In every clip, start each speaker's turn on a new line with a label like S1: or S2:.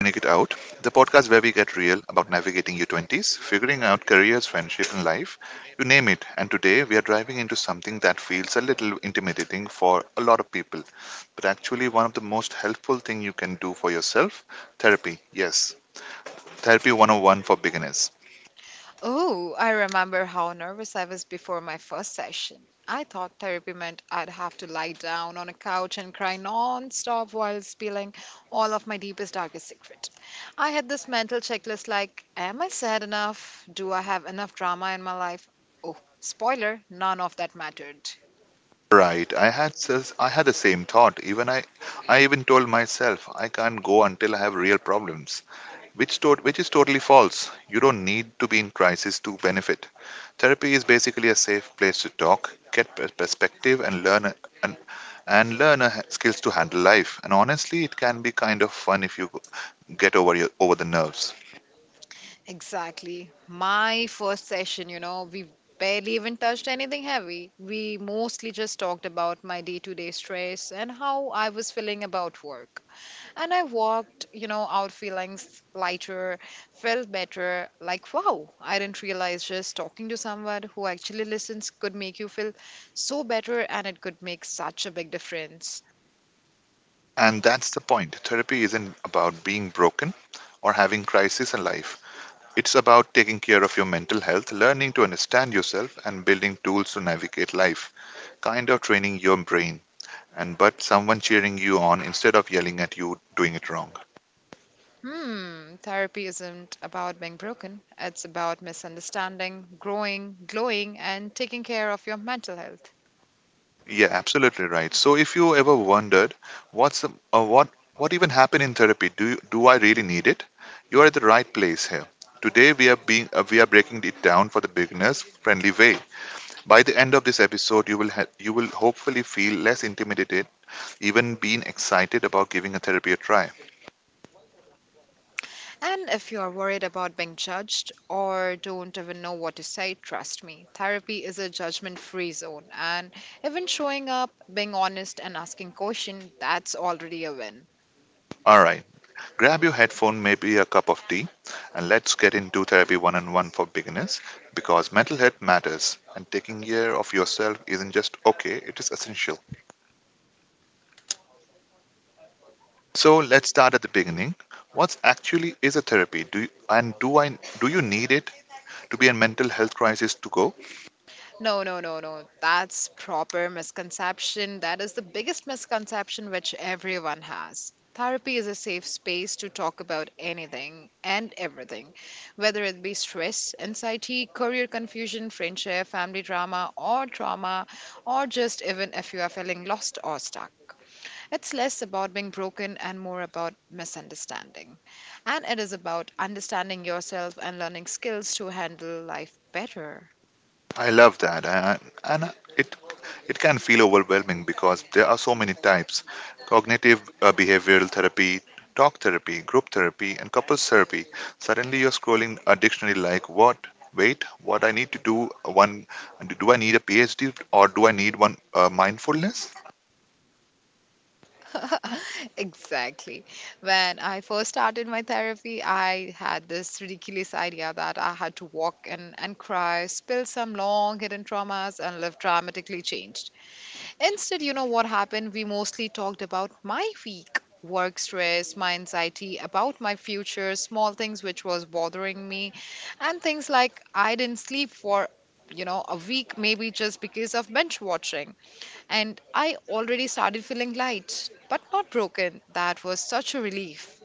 S1: the podcast where we get real about navigating your 20s, figuring out careers, friendship, and life. You name it. And today we are driving into something that feels a little intimidating for a lot of people, but actually one of the most helpful thing you can do for yourself, therapy. Yes, therapy 101 for beginners.
S2: Oh, I remember how nervous I was before my first session. I thought therapy meant I'd have to lie down on a couch and cry non-stop while spilling all of my deepest, darkest secret. I had this mental checklist like, am I sad enough? Do I have enough drama in my life? Oh, spoiler, none of that mattered.
S1: Right. I had the same thought. Even I even told myself I can't go until I have real problems. Which, to- which is totally false. You don't need to be in crisis to benefit. Therapy is basically a safe place to talk, get perspective, and and, learn skills to handle life. And honestly, it can be kind of fun if you get over over the nerves.
S2: Exactly. My first session, we barely even touched anything heavy. We mostly just talked about my day to day stress and how I was feeling about work. And I walked, out feeling lighter, felt better. Like, wow, I didn't realize just talking to someone who actually listens could make you feel so better and it could make such a big difference.
S1: And that's the point. Therapy isn't about being broken or having crisis in life. It's about taking care of your mental health, learning to understand yourself, and building tools to navigate life. Kind of training your brain and but someone cheering you on instead of yelling at you doing it wrong.
S2: Hmm, therapy isn't about being broken, it's about misunderstanding, growing, glowing, and taking care of your mental health.
S1: Yeah, absolutely right. So if you ever wondered what's the, uh, what what even happened in therapy, do I really need it? You are at the right place here. Today we are being We are breaking it down for the beginners friendly way. By the end of this episode, you will hopefully feel less intimidated, even being excited about giving a therapy a try.
S2: And if you are worried about being judged or don't even know what to say, trust me, therapy is a judgment free zone. And even showing up, being honest, and asking questions, that's already a win.
S1: All right. Grab your headphone, maybe a cup of tea, and let's get into therapy one on one for beginners because mental health matters and taking care of yourself isn't just okay, it is essential. So let's start at the beginning. What actually is a therapy? Do you, and do I Do you need it to be a mental health crisis to go?
S2: No, no, no, no. That's proper misconception. That is the biggest misconception which everyone has. Therapy is a safe space to talk about anything and everything, whether it be stress, anxiety, career confusion, friendship, family drama, or trauma, or just even if you are feeling lost or stuck. It's less about being broken and more about misunderstanding. And it is about understanding yourself and learning skills to handle life better.
S1: I love that, and it can feel overwhelming because there are so many types: cognitive behavioral therapy, talk therapy, group therapy, and couples therapy. Suddenly, you're scrolling a dictionary like what? Wait, what I need to do? One, do I need a PhD or do I need one mindfulness?
S2: Exactly. When I first started my therapy, I had this ridiculous idea that I had to walk in and cry, spill some long hidden traumas, and live dramatically changed. Instead, you know what happened? We mostly talked about my week, work stress, my anxiety, about my future, small things which was bothering me, and things like I didn't sleep for a week maybe just because of binge watching, and I already started feeling light, but not broken. That was such a relief.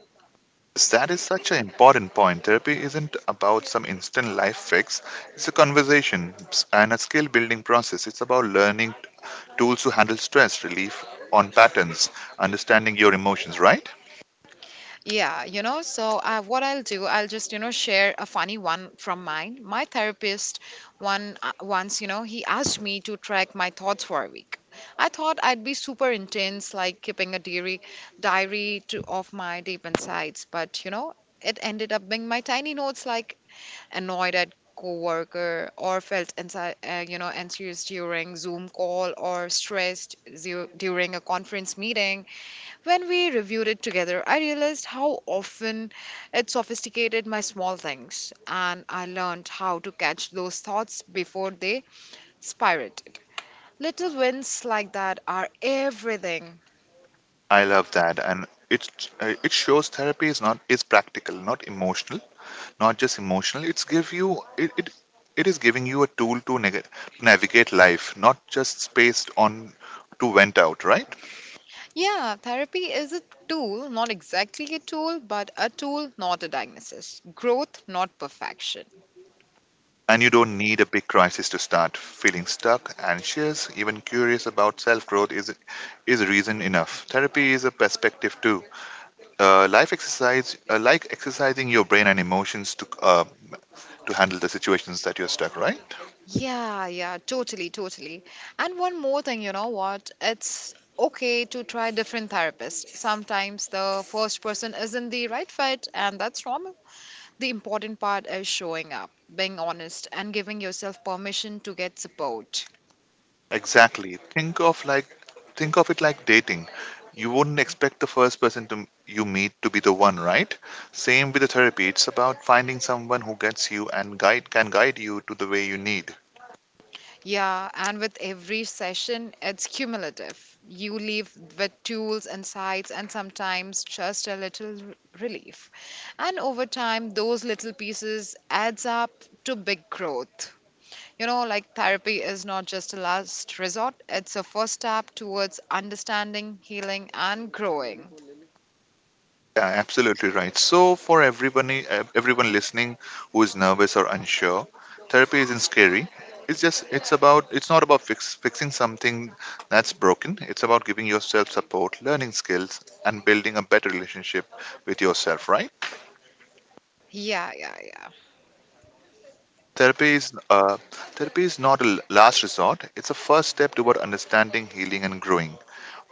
S1: That is such an important point. Therapy isn't about some instant life fix. It's a conversation and a skill building process. It's about learning tools to handle stress, relief on patterns, understanding your emotions, right?
S2: Yeah, you know, so what I'll do, I'll just, share a funny one from mine. My therapist one once, he asked me to track my thoughts for a week. I thought I'd be super intense, like keeping a diary, diary to of my deep insides, but you know, it ended up being my tiny notes, like annoyed at coworker or felt anxious during zoom call or during a conference meeting. When we reviewed it together, I realized how often it sophisticated my small things, and I learned how to catch those thoughts before they spirated. Little wins like that are everything.
S1: I love that. And it shows therapy is not is practical, not just emotional. It's give you it, it, it is giving you a tool to navigate life, not just spaced on to vent out, right?
S2: Yeah, therapy is a tool, not exactly a tool, but a tool, not a diagnosis. Growth, not perfection.
S1: And you don't need a big crisis to start. Feeling stuck, anxious, even curious about self growth is reason enough. Therapy is a perspective too. Like exercising your brain and emotions to handle the situations that you're stuck, right?
S2: Yeah, yeah, totally. And one more thing, you know what? It's okay to try different therapists. Sometimes the first person isn't the right fit, and that's normal. The important part is showing up, being honest, and giving yourself permission to get support.
S1: Exactly. Think of it like dating. You wouldn't expect the first person to you meet to be the one, right? Same with the therapy. It's about finding someone who gets you and guide you to the way you need.
S2: Yeah, and with every session, it's cumulative. You leave with tools, insights, and sometimes just a little relief. And over time, those little pieces adds up to big growth. You know, like therapy is not just a last resort, it's a first step towards understanding, healing, and growing.
S1: Yeah, absolutely right. So for everybody, everyone listening who is nervous or unsure, therapy isn't scary. It's not about fixing something that's broken. It's about giving yourself support, learning skills, and building a better relationship with yourself. Right?
S2: Yeah, yeah, yeah.
S1: Therapy is uh, Therapy is not a last resort. It's a first step toward understanding, healing, and growing.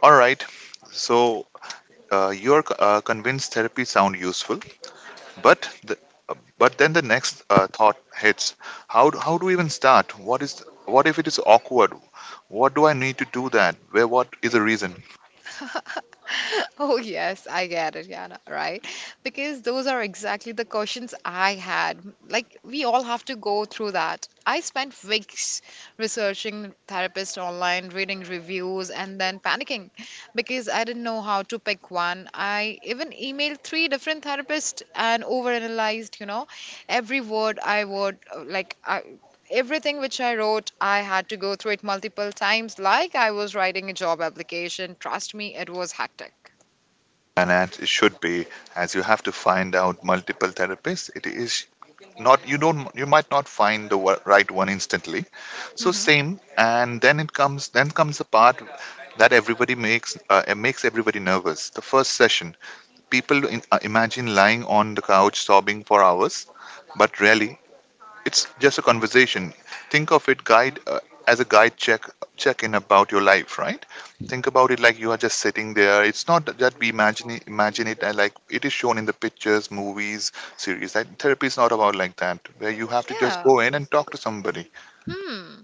S1: All right. So you're convinced therapy sound useful, but the, but then the next thought hits: how do we even start? What is what if it is awkward? What do I need to do that? Where what is the reason?
S2: Oh, yes, I get it, Yana, right? Because those are exactly the questions I had. Like, we all have to go through that. I spent weeks researching therapists online, reading reviews, and then panicking because I didn't know how to pick one. I even emailed three different therapists and overanalyzed, every word I would, everything which I wrote, I had to go through it multiple times, like I was writing a job application. Trust me, it was hectic.
S1: And as it should be, as you have to find out multiple therapists. It is not you don't You might not find the right one instantly. So
S2: Hmm.
S1: same, and then it comes then comes the part that everybody makes it makes everybody nervous. The first session, people imagine lying on the couch sobbing for hours, but rarely. It's just a conversation. Think of it guide as a guide check in about your life, right? Think about it like you are just sitting there. It's not that imagine it like it is shown in the pictures, movies, series. That therapy is not about like that, where you have to just
S2: Yeah.
S1: go in and talk to somebody.
S2: Hmm.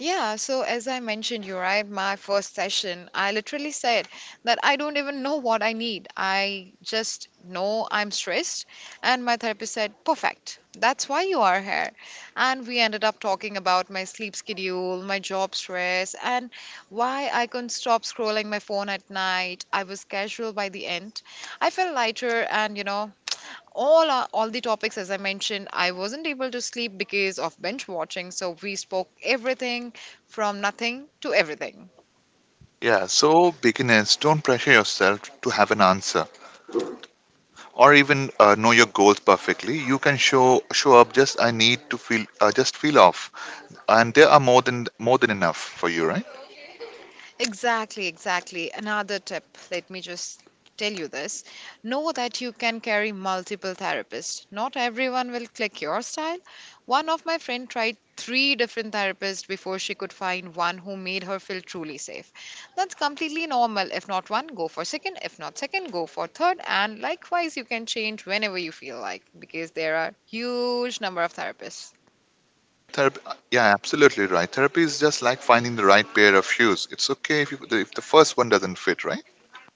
S2: Yeah. So, as I mentioned you, right, my first session, I literally said that I don't even know what I need. I just know I'm stressed. And my therapist said, "Perfect. That's why you are here." And we ended up talking about my sleep schedule, my job stress, and why I couldn't stop scrolling my phone at night. I was casual by the end. I felt lighter and, you know, all our, all the topics, as I mentioned, I wasn't able to sleep because of binge watching, so we spoke everything from nothing to everything.
S1: Yeah, so beginners, don't pressure yourself to have an answer or even know your goals perfectly. You can show up just I need to feel just feel off, and there are more than enough for you, right?
S2: Exactly. Another tip, let me just tell you this. Know that you can carry multiple therapists. Not everyone will click your style. One of my friend tried three different therapists before she could find one who made her feel truly safe. That's completely normal. If not one, go for second. If not second, go for third. And likewise, you can change whenever you feel like because there are huge number of therapists.
S1: Absolutely right. Therapy is just like finding the right pair of shoes. It's okay if the first one doesn't fit, right?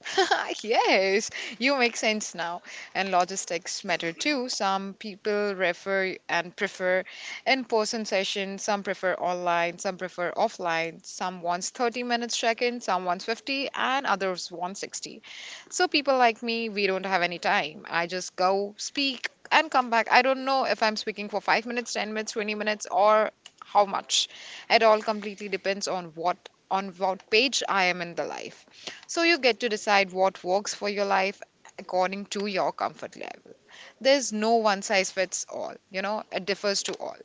S2: Yes, you make sense now. And logistics matter too. Some people refer and prefer in person sessions, some prefer online, some prefer offline. Some wants 30 minutes check in, some wants 50, and others want 60. So, people like me, we don't have any time. I just go speak and come back. I don't know if I'm speaking for 5 minutes, 10 minutes, 20 minutes, or how much. It all completely depends on what page I am in the life. So you get to decide what works for your life according to your comfort level. There's no one size fits all, you know, it differs to all.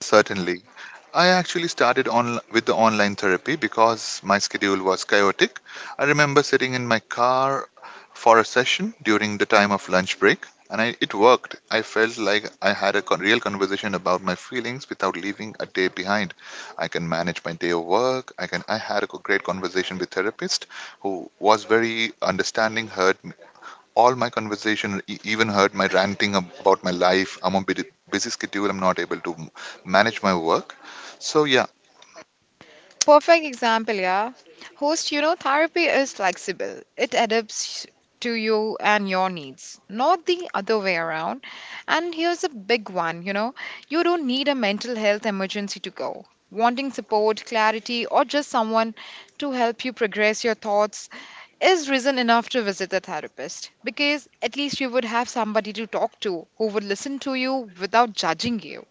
S1: Certainly. I actually started on with the online therapy because my schedule was chaotic. I remember sitting in my car for a session during the time of lunch break, and it worked. I felt like I had a real conversation about my feelings without leaving a day behind. I can manage my day of work. I can. I had a great conversation with therapist who was very understanding, heard all my conversation, even heard my ranting about my life. I'm on busy schedule. I'm not able to manage my work. So yeah,
S2: Perfect example, yeah. Host, you know, therapy is flexible, it adapts to you and your needs, not the other way around. And here's a big one, you know, you don't need a mental health emergency to go. Wanting support, clarity, or just someone to help you progress your thoughts is reason enough to visit the therapist because at least you would have somebody to talk to who would listen to you without judging you.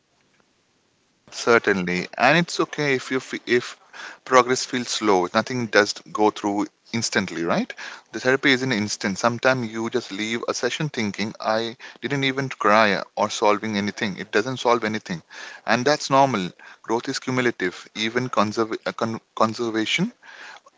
S1: certainly, and it's okay if you fe- if progress feels slow. Nothing does go through instantly, right? The therapy isn't instant. Sometimes you just leave a session thinking I didn't even cry or solving anything. It doesn't solve anything, and that's normal. Growth is cumulative. Even conserv- con- conservation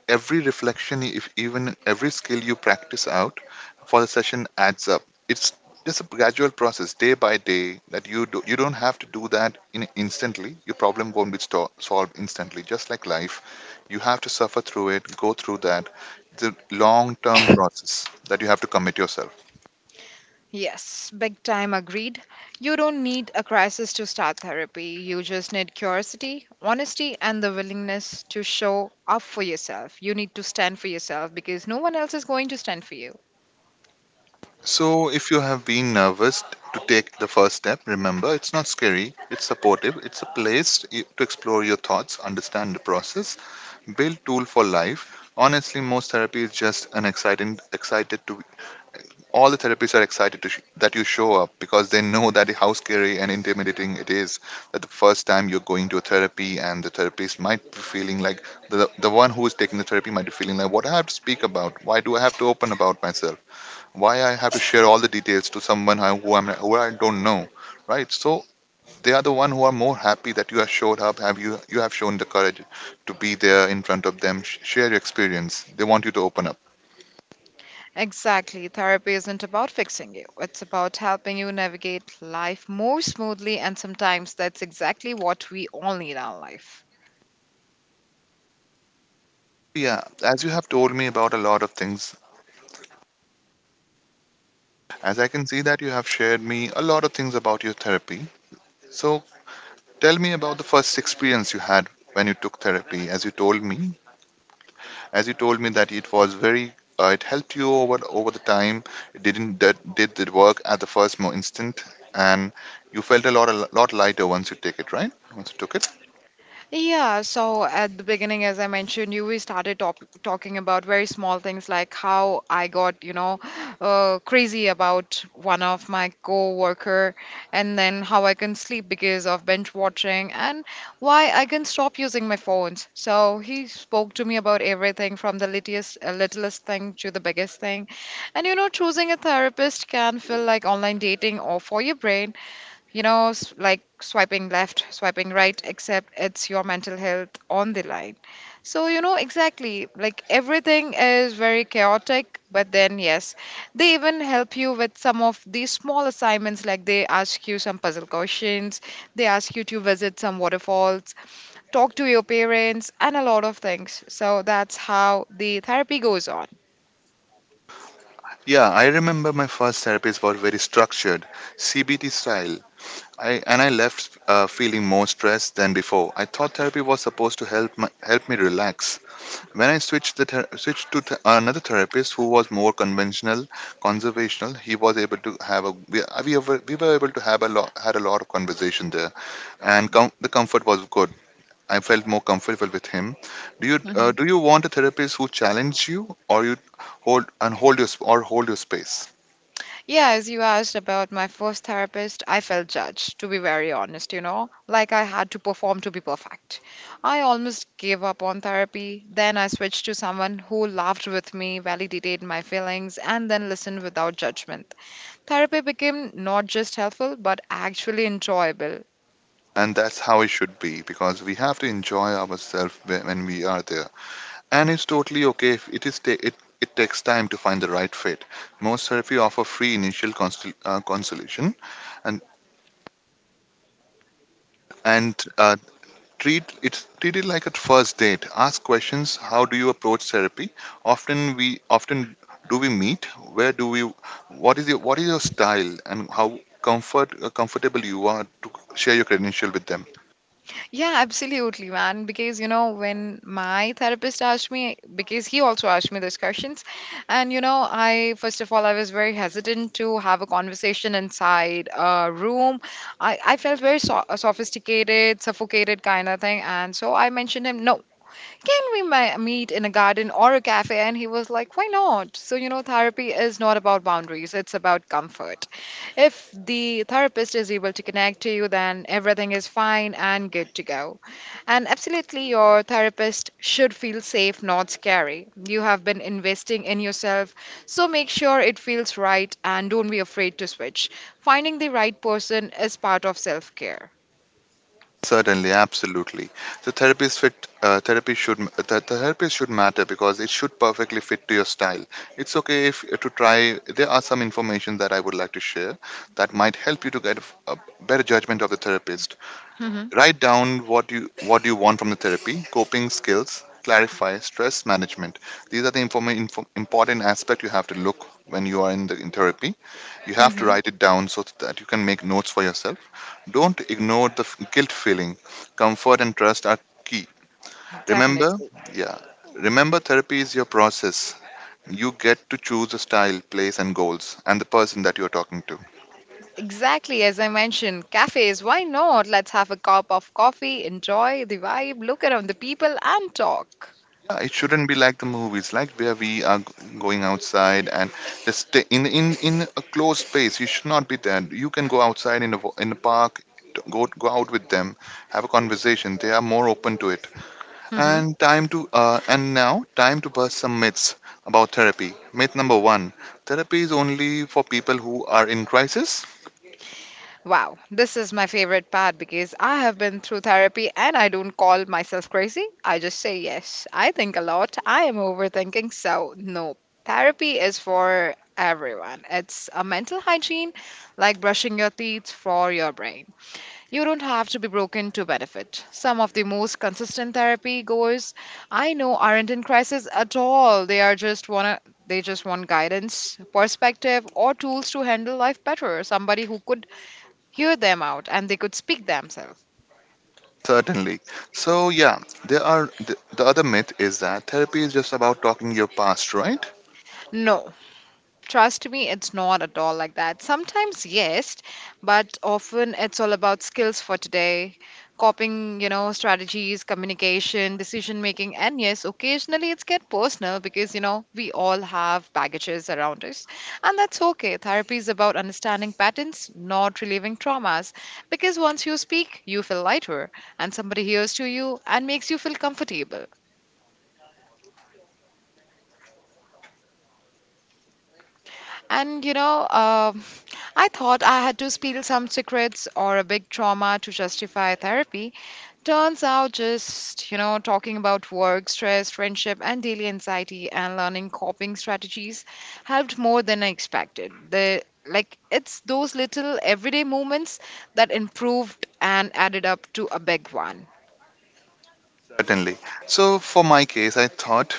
S1: Every reflection, if even every skill you practice out for the session adds up. It's just a gradual process, day by day, that you do, you don't have to do that in instantly. Your problem won't be solved instantly, just like life. You have to suffer through it, go through that. It's a long-term process that you have to commit yourself.
S2: Yes, big time agreed. You don't need a crisis to start therapy. You just need curiosity, honesty, and the willingness to show up for yourself. You need to stand for yourself because no one else is going to stand for you.
S1: So, if you have been nervous to take the first step, remember it's not scary, it's supportive, it's a place to explore your thoughts, understand the process, build tool for life. Honestly, most therapy is just excited to all the therapists are excited to that you show up because they know that how scary and intimidating it is that the first time you're going to a therapy and the therapist might be feeling like the one who is taking the therapy might be feeling like what do I have to speak about? Why do I have to open about myself? Why I have to share all the details to someone who I don't know, right? So they are the one who are more happy that you have showed up, have you you have shown the courage to be there in front of them, share your experience. They want you to open up.
S2: Exactly. Therapy isn't about fixing you, it's about helping you navigate life more smoothly, and sometimes that's exactly what we all need in our life.
S1: Yeah, as you have told me about a lot of things, as I can see that you have shared me a lot of things about your therapy. So tell me about the first experience you had when you took therapy. As you told me that it was very, it helped you over the time. It didn't that did the work at the first mo instant, and you felt a lot lighter once you take it, right? Once you took it.
S2: Yeah, so at the beginning, as I mentioned you, we started top talking about very small things like how I got, crazy about one of my co-worker, and then how I can sleep because of binge watching, and why I can stop using my phones. So he spoke to me about everything from the littlest thing to the biggest thing, and you know, choosing a therapist can feel like online dating or for your brain, you know, like swiping left, swiping right, except it's your mental health on the line. So, you know, exactly, like everything is very chaotic, but then, yes, they even help you with some of these small assignments, like they ask you some puzzle questions, they ask you to visit some waterfalls, talk to your parents, and a lot of things. So, that's how the therapy goes on.
S1: Yeah, I remember my first therapies were very structured, CBT style. I left feeling more stressed than before. I thought therapy was supposed to help help me relax. When I switched to another therapist who was more conventional, conservational, he was able to have a we were able to have a lot had a lot of conversation there, and the comfort was good. I felt more comfortable with him. Do you want a therapist who challenges you or you hold your sp- or hold your space?
S2: Yeah, as you asked about my first therapist, I felt judged, to be very honest, you know, like I had to perform to be perfect. I almost gave up on therapy. Then I switched to someone who laughed with me, validated my feelings, and then listened without judgment. Therapy became not just helpful, but actually enjoyable.
S1: And that's how it should be because we have to enjoy ourselves when we are there, and it's totally okay if it is ta- it takes time to find the right fit. Most therapy offer free consultation, and and treat it like a first date. Ask questions: how do you approach therapy, often do we meet, where do we what is your style, and how comfortable you are to share your credential with them.
S2: Yeah, absolutely, man. Because, you know, when my therapist asked me, because he also asked me those questions, and, you know, I, first of all, I was very hesitant to have a conversation inside a room. I felt very sophisticated, suffocated kind of thing. And so I mentioned him, no, can we meet in a garden or a cafe? And he was like, why not? So, you know, therapy is not about boundaries, it's about comfort. If the therapist is able to connect to you, then everything is fine and good to go. And absolutely, your therapist should feel safe, not scary. You have been investing in yourself, so make sure it feels right and don't be afraid to switch. Finding the right person is part of self care.
S1: Certainly, absolutely. The therapist fit the therapist should matter because it should perfectly fit to your style. It's okay if to try. There are some information that I would like to share that might help you to get a better judgment of the therapist.
S2: Hmm.
S1: Write down what you want from the therapy, coping skills, clarify stress management. These are the important aspect you have to look when you are in therapy. You have to
S2: Hmm.
S1: write it down so that you can make notes for yourself. Don't ignore the guilt feeling. Comfort and trust are key. Remember,
S2: Definitely.
S1: yeah, remember therapy is your process. You get to choose a style, place, and goals, and the person that you're talking to.
S2: Exactly, as I mentioned, cafes, why not? Let's have a cup of coffee, enjoy the vibe, look around the people, and talk.
S1: It shouldn't be like the movies, like where we are going outside and just stay in a closed space. You should not be there. You can go outside in a in a park, go out with them, have a conversation. They are more open to it.
S2: Mm-hmm.
S1: And time to and now time to bust some myths about therapy. Myth number one: therapy is only for people who are in crisis.
S2: Wow, this is my favorite part because I have been through therapy and I don't call myself crazy. I just say yes. I think a lot. I am overthinking, so no. Therapy is for everyone. It's a mental hygiene like brushing your teeth for your brain. You don't have to be broken to benefit. Some of the most consistent therapy goers I know aren't in crisis at all. They are just wanna they just want guidance, perspective or tools to handle life better. Somebody who could hear them out and they could speak themselves.
S1: Certainly. So yeah, there are the other myth is that therapy is just about talking your past, right?
S2: No, trust me, it's not at all like that. Sometimes, yes, but often it's all about skills for today, coping, you know, strategies, communication, decision making, and yes, occasionally it's get personal because, you know, we all have baggages around us, and that's okay. Therapy is about understanding patterns, not relieving traumas, because once you speak, you feel lighter, and somebody hears to you and makes you feel comfortable. And, you know, I thought I had to spill some secrets or a big trauma to justify therapy. Turns out just, you know, talking about work, stress, friendship, and daily anxiety and learning coping strategies helped more than I expected. The like it's those little everyday moments that improved and added up to a big one.
S1: Certainly. So for my case, I thought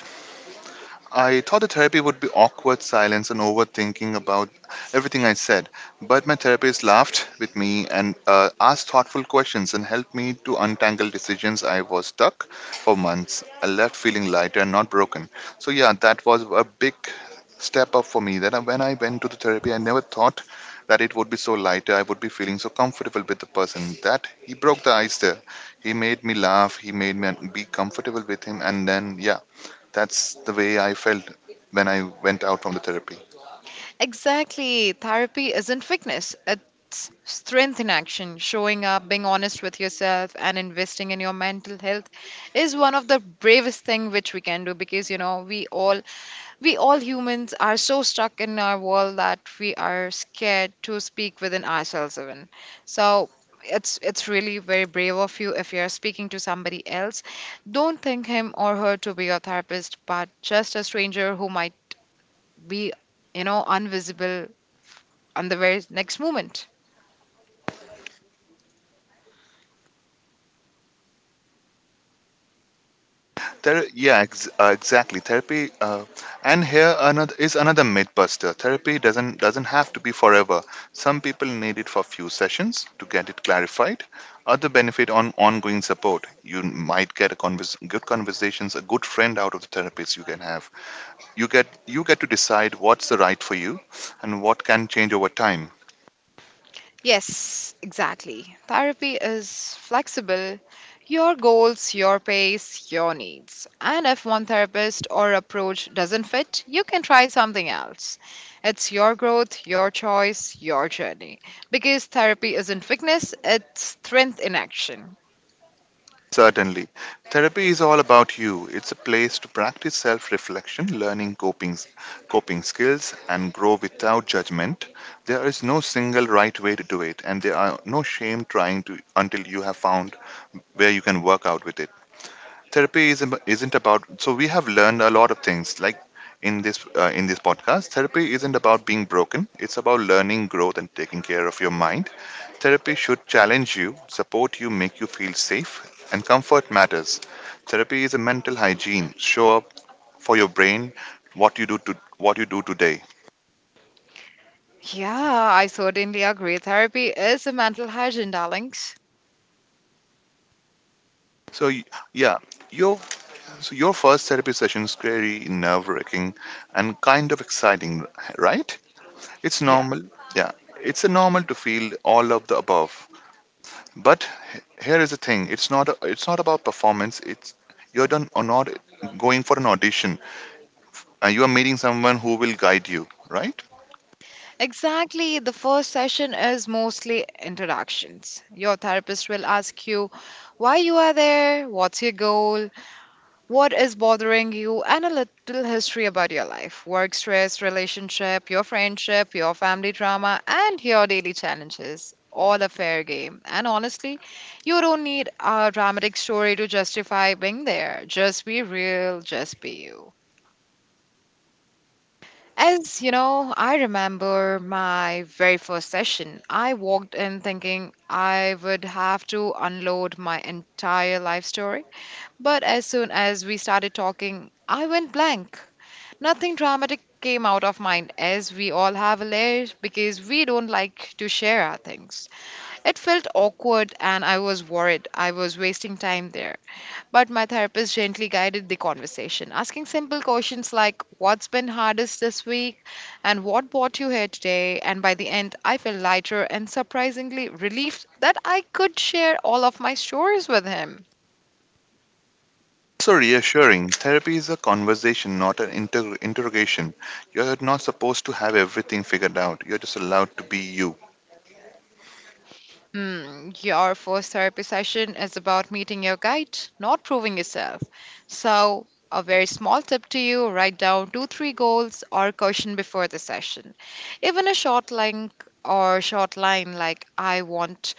S1: I thought the therapy would be awkward silence and overthinking about everything I said, but my therapist laughed with me and asked thoughtful questions and helped me to untangle decisions I was stuck for months. I left feeling lighter and not broken. So, yeah, that was a big step up for me that when I went to the therapy, I never thought that it would be so lighter. I would be feeling so comfortable with the person that he broke the ice there. He made me laugh, he made me be comfortable with him, and then, yeah, that's the way I felt when I went out from the therapy.
S2: Exactly. Therapy isn't weakness, it's strength in action. Showing up, being honest with yourself, and investing in your mental health is one of the bravest thing which we can do because you know we all humans are so stuck in our world that we are scared to speak within ourselves even. So it's really very brave of you if you're speaking to somebody else. Don't think him or her to be your therapist, but just a stranger who might be you know invisible on the very next moment.
S1: There, yeah, exactly. Therapy, and here another is another myth buster. Therapy doesn't have to be forever. Some people need it for few sessions to get it clarified. Other benefit on ongoing support. You might get a good conversations, a good friend out of the therapist you can have. You get to decide what's the right for you, and what can change over time.
S2: Yes, exactly. Therapy is flexible. Your goals, your pace, your needs. And if one therapist or approach doesn't fit, you can try something else. It's your growth, your choice, your journey. Because therapy isn't weakness, it's strength in action.
S1: Certainly. Therapy is all about you. It's a place to practice self reflection, coping skills, and grow without judgment. There is no single right way to do it, and there are no shame trying to until you have found where you can work out with it. Therapy is, isn't about, so we have learned a lot of things. Like in this podcast, therapy isn't about being broken, it's about learning growth and taking care of your mind. Therapy should challenge you, support you, make you feel safe, and comfort matters. Therapy is a mental hygiene. Show up for your brain, what you do today.
S2: Yeah, I certainly agree. Therapy is a mental hygiene, darlings.
S1: So y- yeah, your so your first therapy session is scary, nerve-wracking, and kind of exciting, right? It's
S2: Yeah.
S1: normal. Yeah, it's a normal to feel all of the above. But here is the thing: it's not about performance. It's you're done or not going for an audition. You are meeting someone who will guide you, right?
S2: Exactly. The first session is mostly introductions. Your therapist will ask you why you are there, what's your goal, what is bothering you, and a little history about your life work stress, relationship, your friendship, your family drama, and your daily challenges. All a fair game. And honestly, you don't need a dramatic story to justify being there. Just be real, just be you. As you know, I remember my very first session. I walked in thinking I would have to unload my entire life story. But as soon as we started talking, I went blank. Nothing dramatic came out of mine, as we all have a layer because we don't like to share our things. It felt awkward, and I was worried I was wasting time there. But my therapist gently guided the conversation, asking simple questions like, "What's been hardest this week?" and "What brought you here today?" And by the end, I felt lighter and surprisingly relieved that I could share all of my stories with him.
S1: So reassuring. Therapy is a conversation, not an interrogation. You're not supposed to have everything figured out. You're just allowed to be you.
S2: Hmm, your first therapy session is about meeting your guide, not proving yourself. So, a very small tip to you write down two, three goals or caution before the session. Even a short link or short line like I want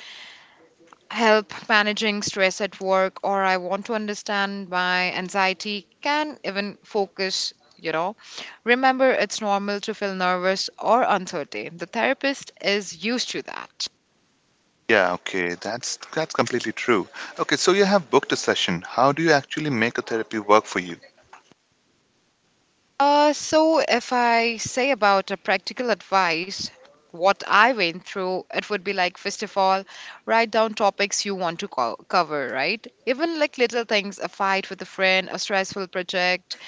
S2: help managing stress at work or I want to understand my anxiety, can even focus, you know. Remember, it's normal to feel nervous or uncertain. The therapist is used to that.
S1: Yeah, okay, that's completely true. Okay, so you have booked a session. How do you actually make a therapy work for you?
S2: So, if I say about a practical advice, what I went through, it would be like, first of all, write down topics you want to cover, right? Even like little things, a fight with a friend, a stressful project,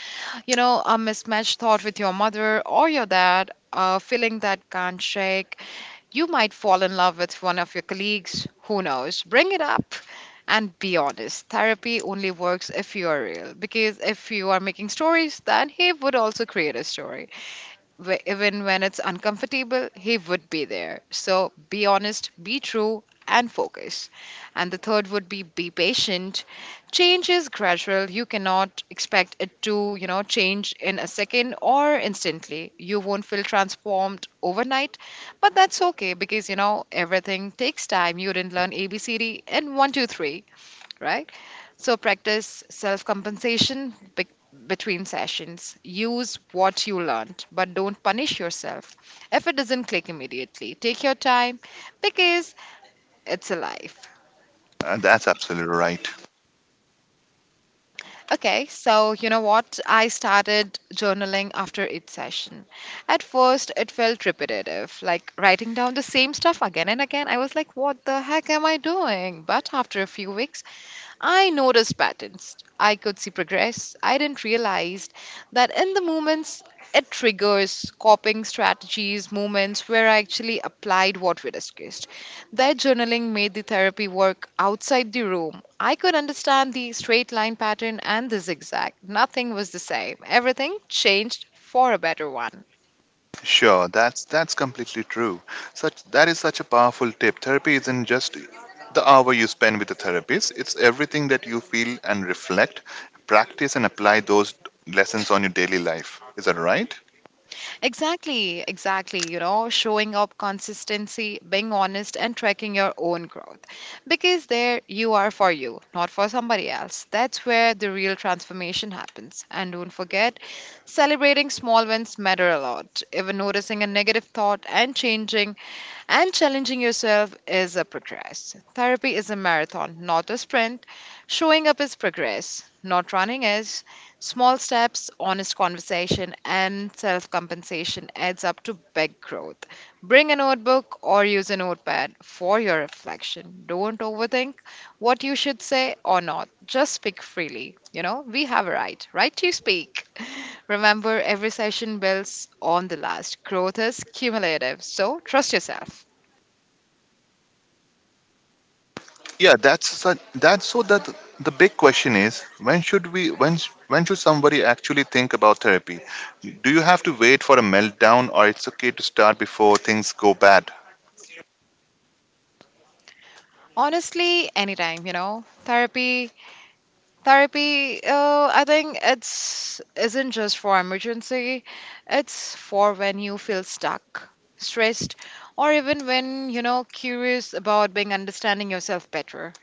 S2: you know, a mismatched thought with your mother or your dad, a feeling that can't shake. You might fall in love with one of your colleagues, who knows? Bring it up and be honest. Therapy only works if you are real, because if you are making stories, then he would also create a story. Even when it's uncomfortable, he would be there. So be honest, be true, and focus. And the third would be patient. Change is gradual. You cannot expect it to, you know, change in a second or instantly. You won't feel transformed overnight, but that's okay because, you know, everything takes time. You didn't learn ABCD in one, two, three right? So practice self compensation between sessions. Use what you learned, but don't punish yourself if it doesn't click immediately. Take your time because it's a life.
S1: That's absolutely right.
S2: Okay, so you know what? I started journaling after each session. At first, it felt repetitive, like writing down the same stuff again and again. I was like, what the heck am I doing? But after a few weeks, I noticed patterns. I could see progress. I didn't realize that in the moments it triggers coping strategies, moments where I actually applied what we discussed. That journaling made the therapy work outside the room. I could understand the straight line pattern and the zigzag. Nothing was the same. Everything changed for a better one.
S1: Sure, that's completely true. Such that is such a powerful tip. Therapy isn't just the hour you spend with the therapist. It's everything that you feel and reflect, practice and apply those lessons on your daily life. Is that right?
S2: Exactly, exactly. You know, showing up consistency, being honest, and tracking your own growth. Because there you are for you, not for somebody else. That's where the real transformation happens. And don't forget, celebrating small wins matter a lot. Even noticing a negative thought and changing and challenging yourself is a progress. Therapy is a marathon, not a sprint. Showing up is progress, not running is. Small steps, honest conversation, and self compensation adds up to big growth. Bring a notebook or use a notepad for your reflection. Don't overthink what you should say or not. Just speak freely. You know, we have a right, right to speak. Remember, every session builds on the last. Growth is cumulative, so trust yourself.
S1: Yeah, that's such, that's so that the big question is when should we when sh- when should somebody actually think about therapy? Do you have to wait for a meltdown or it's okay to start before things go bad?
S2: Honestly, anytime, you know. Therapy, I think it's isn't just for emergency. It's for when you feel stuck, stressed, or even when, you know, curious about being understanding yourself better.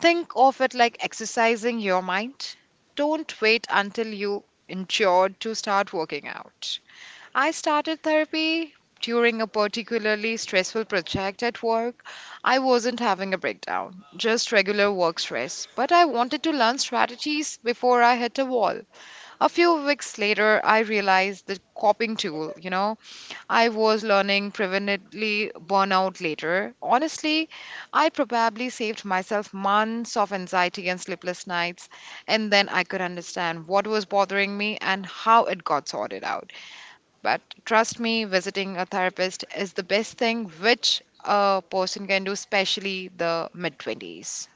S2: Think of it like exercising your mind. Don't wait until you injured to start working out. I started therapy during a particularly stressful project at work. I wasn't having a breakdown, just regular work stress, but I wanted to learn strategies before I hit a wall. A few weeks later, I realized the coping tool, you know, I was learning preventively burnout later. Honestly, I probably saved myself months of anxiety and sleepless nights, and then I could understand what was bothering me and how it got sorted out. But trust me, visiting a therapist is the best thing which a person can do, especially the mid 20s.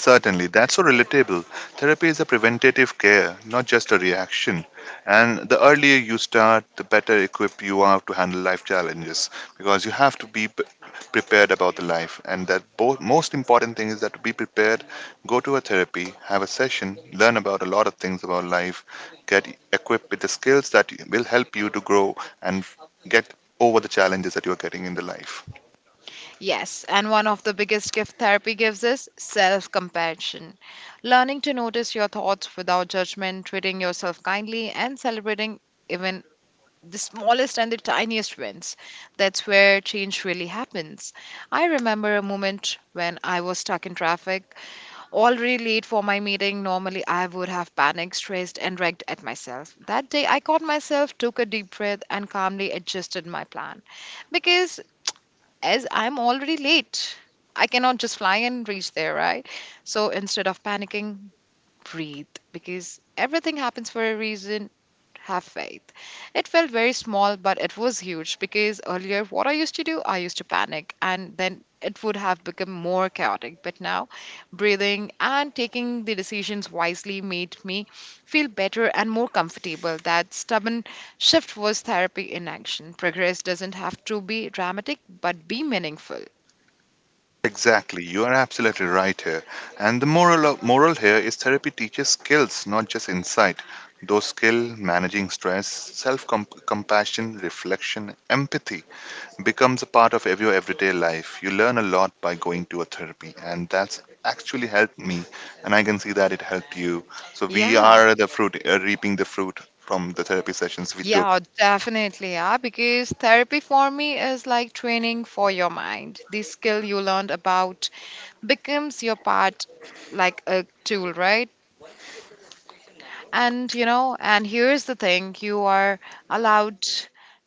S1: Certainly, that's so relatable. Therapy is a preventative care, not just a reaction. And the earlier you start, the better equipped you are to handle life challenges because you have to be prepared about the life. And that most important thing is that to be prepared, go to a therapy, have a session, learn about a lot of things about life, get equipped with the skills that will help you to grow and get over the challenges that you're getting in the life.
S2: Yes, and one of the biggest gift therapy gives is self compassion. Learning to notice your thoughts without judgment, treating yourself kindly, and celebrating even the smallest and the tiniest wins. That's where change really happens. I remember a moment when I was stuck in traffic already late for my meeting, normally I would have panicked, stressed, and wrecked at myself. That day, I caught myself, took a deep breath, and calmly adjusted my plan. Because as I'm already late, I cannot just fly and reach there, right? So instead of panicking, breathe because everything happens for a reason. Have faith. It felt very small, but it was huge because earlier, what I used to do, I used to panic and then it would have become more chaotic. But now, breathing and taking the decisions wisely made me feel better and more comfortable. That stubborn shift was therapy in action. Progress doesn't have to be dramatic, but be meaningful.
S1: Exactly, you are absolutely right here. And the moral here is therapy teaches skills, not just insight. Those skill, managing stress, self compassion, reflection, empathy becomes a part of your everyday life. You learn a lot by going to a therapy, and that's actually helped me, and I can see that it helped you. So we
S2: Yeah.
S1: are the reaping the fruit from the therapy sessions we took.
S2: Yeah, definitely. Yeah, because therapy for me is like training for your mind. The skill you learned about becomes your part, like a tool, right? And you know, and here's the thing you are allowed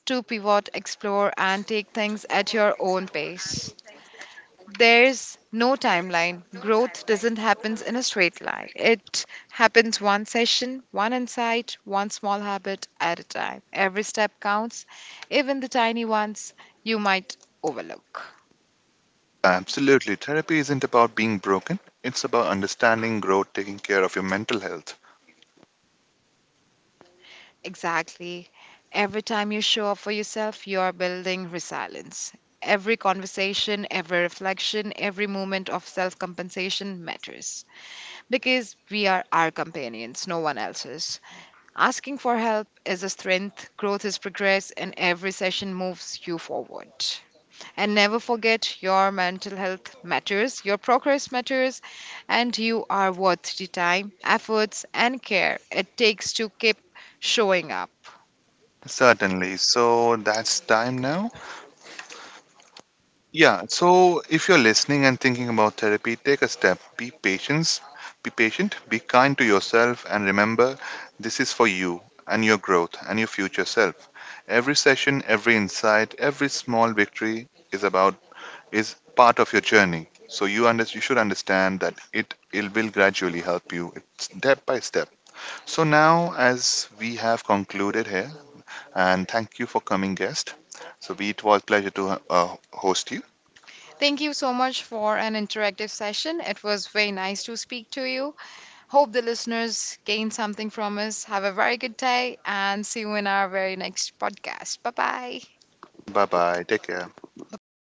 S2: to pivot, explore, and take things at your own pace. There's no timeline. Growth doesn't happen in a straight line. It happens one session, one insight, one small habit at a time. Every step counts, even the tiny ones you might overlook.
S1: Absolutely, therapy isn't about being broken. It's about understanding, growth, taking care of your mental health.
S2: Exactly. Every time you show up for yourself, you are building resilience. Every conversation, every reflection, every moment of self compensation matters because we are our companions, no one else's. Asking for help is a strength, growth is progress, and every session moves you forward. And never forget your mental health matters, your progress matters, and you are worth the time, efforts, and care it takes to keep showing up.
S1: Certainly. So that's time now. Yeah. So if you're listening and thinking about therapy, take a step. Be patient. Be patient. Be kind to yourself, and remember, this is for you and your growth and your future self. Every session, every insight, every small victory is part of your journey. So you should understand that it will gradually help you. It's step by step. So now, as we have concluded here, and thank you for coming, guest. So it was pleasure to host you.
S2: Thank you so much for an interactive session. It was very nice to speak to you. Hope the listeners gained something from us. Have a very good day and see you in our very next podcast. Bye bye.
S1: Bye bye. Take care.
S2: Bye bye.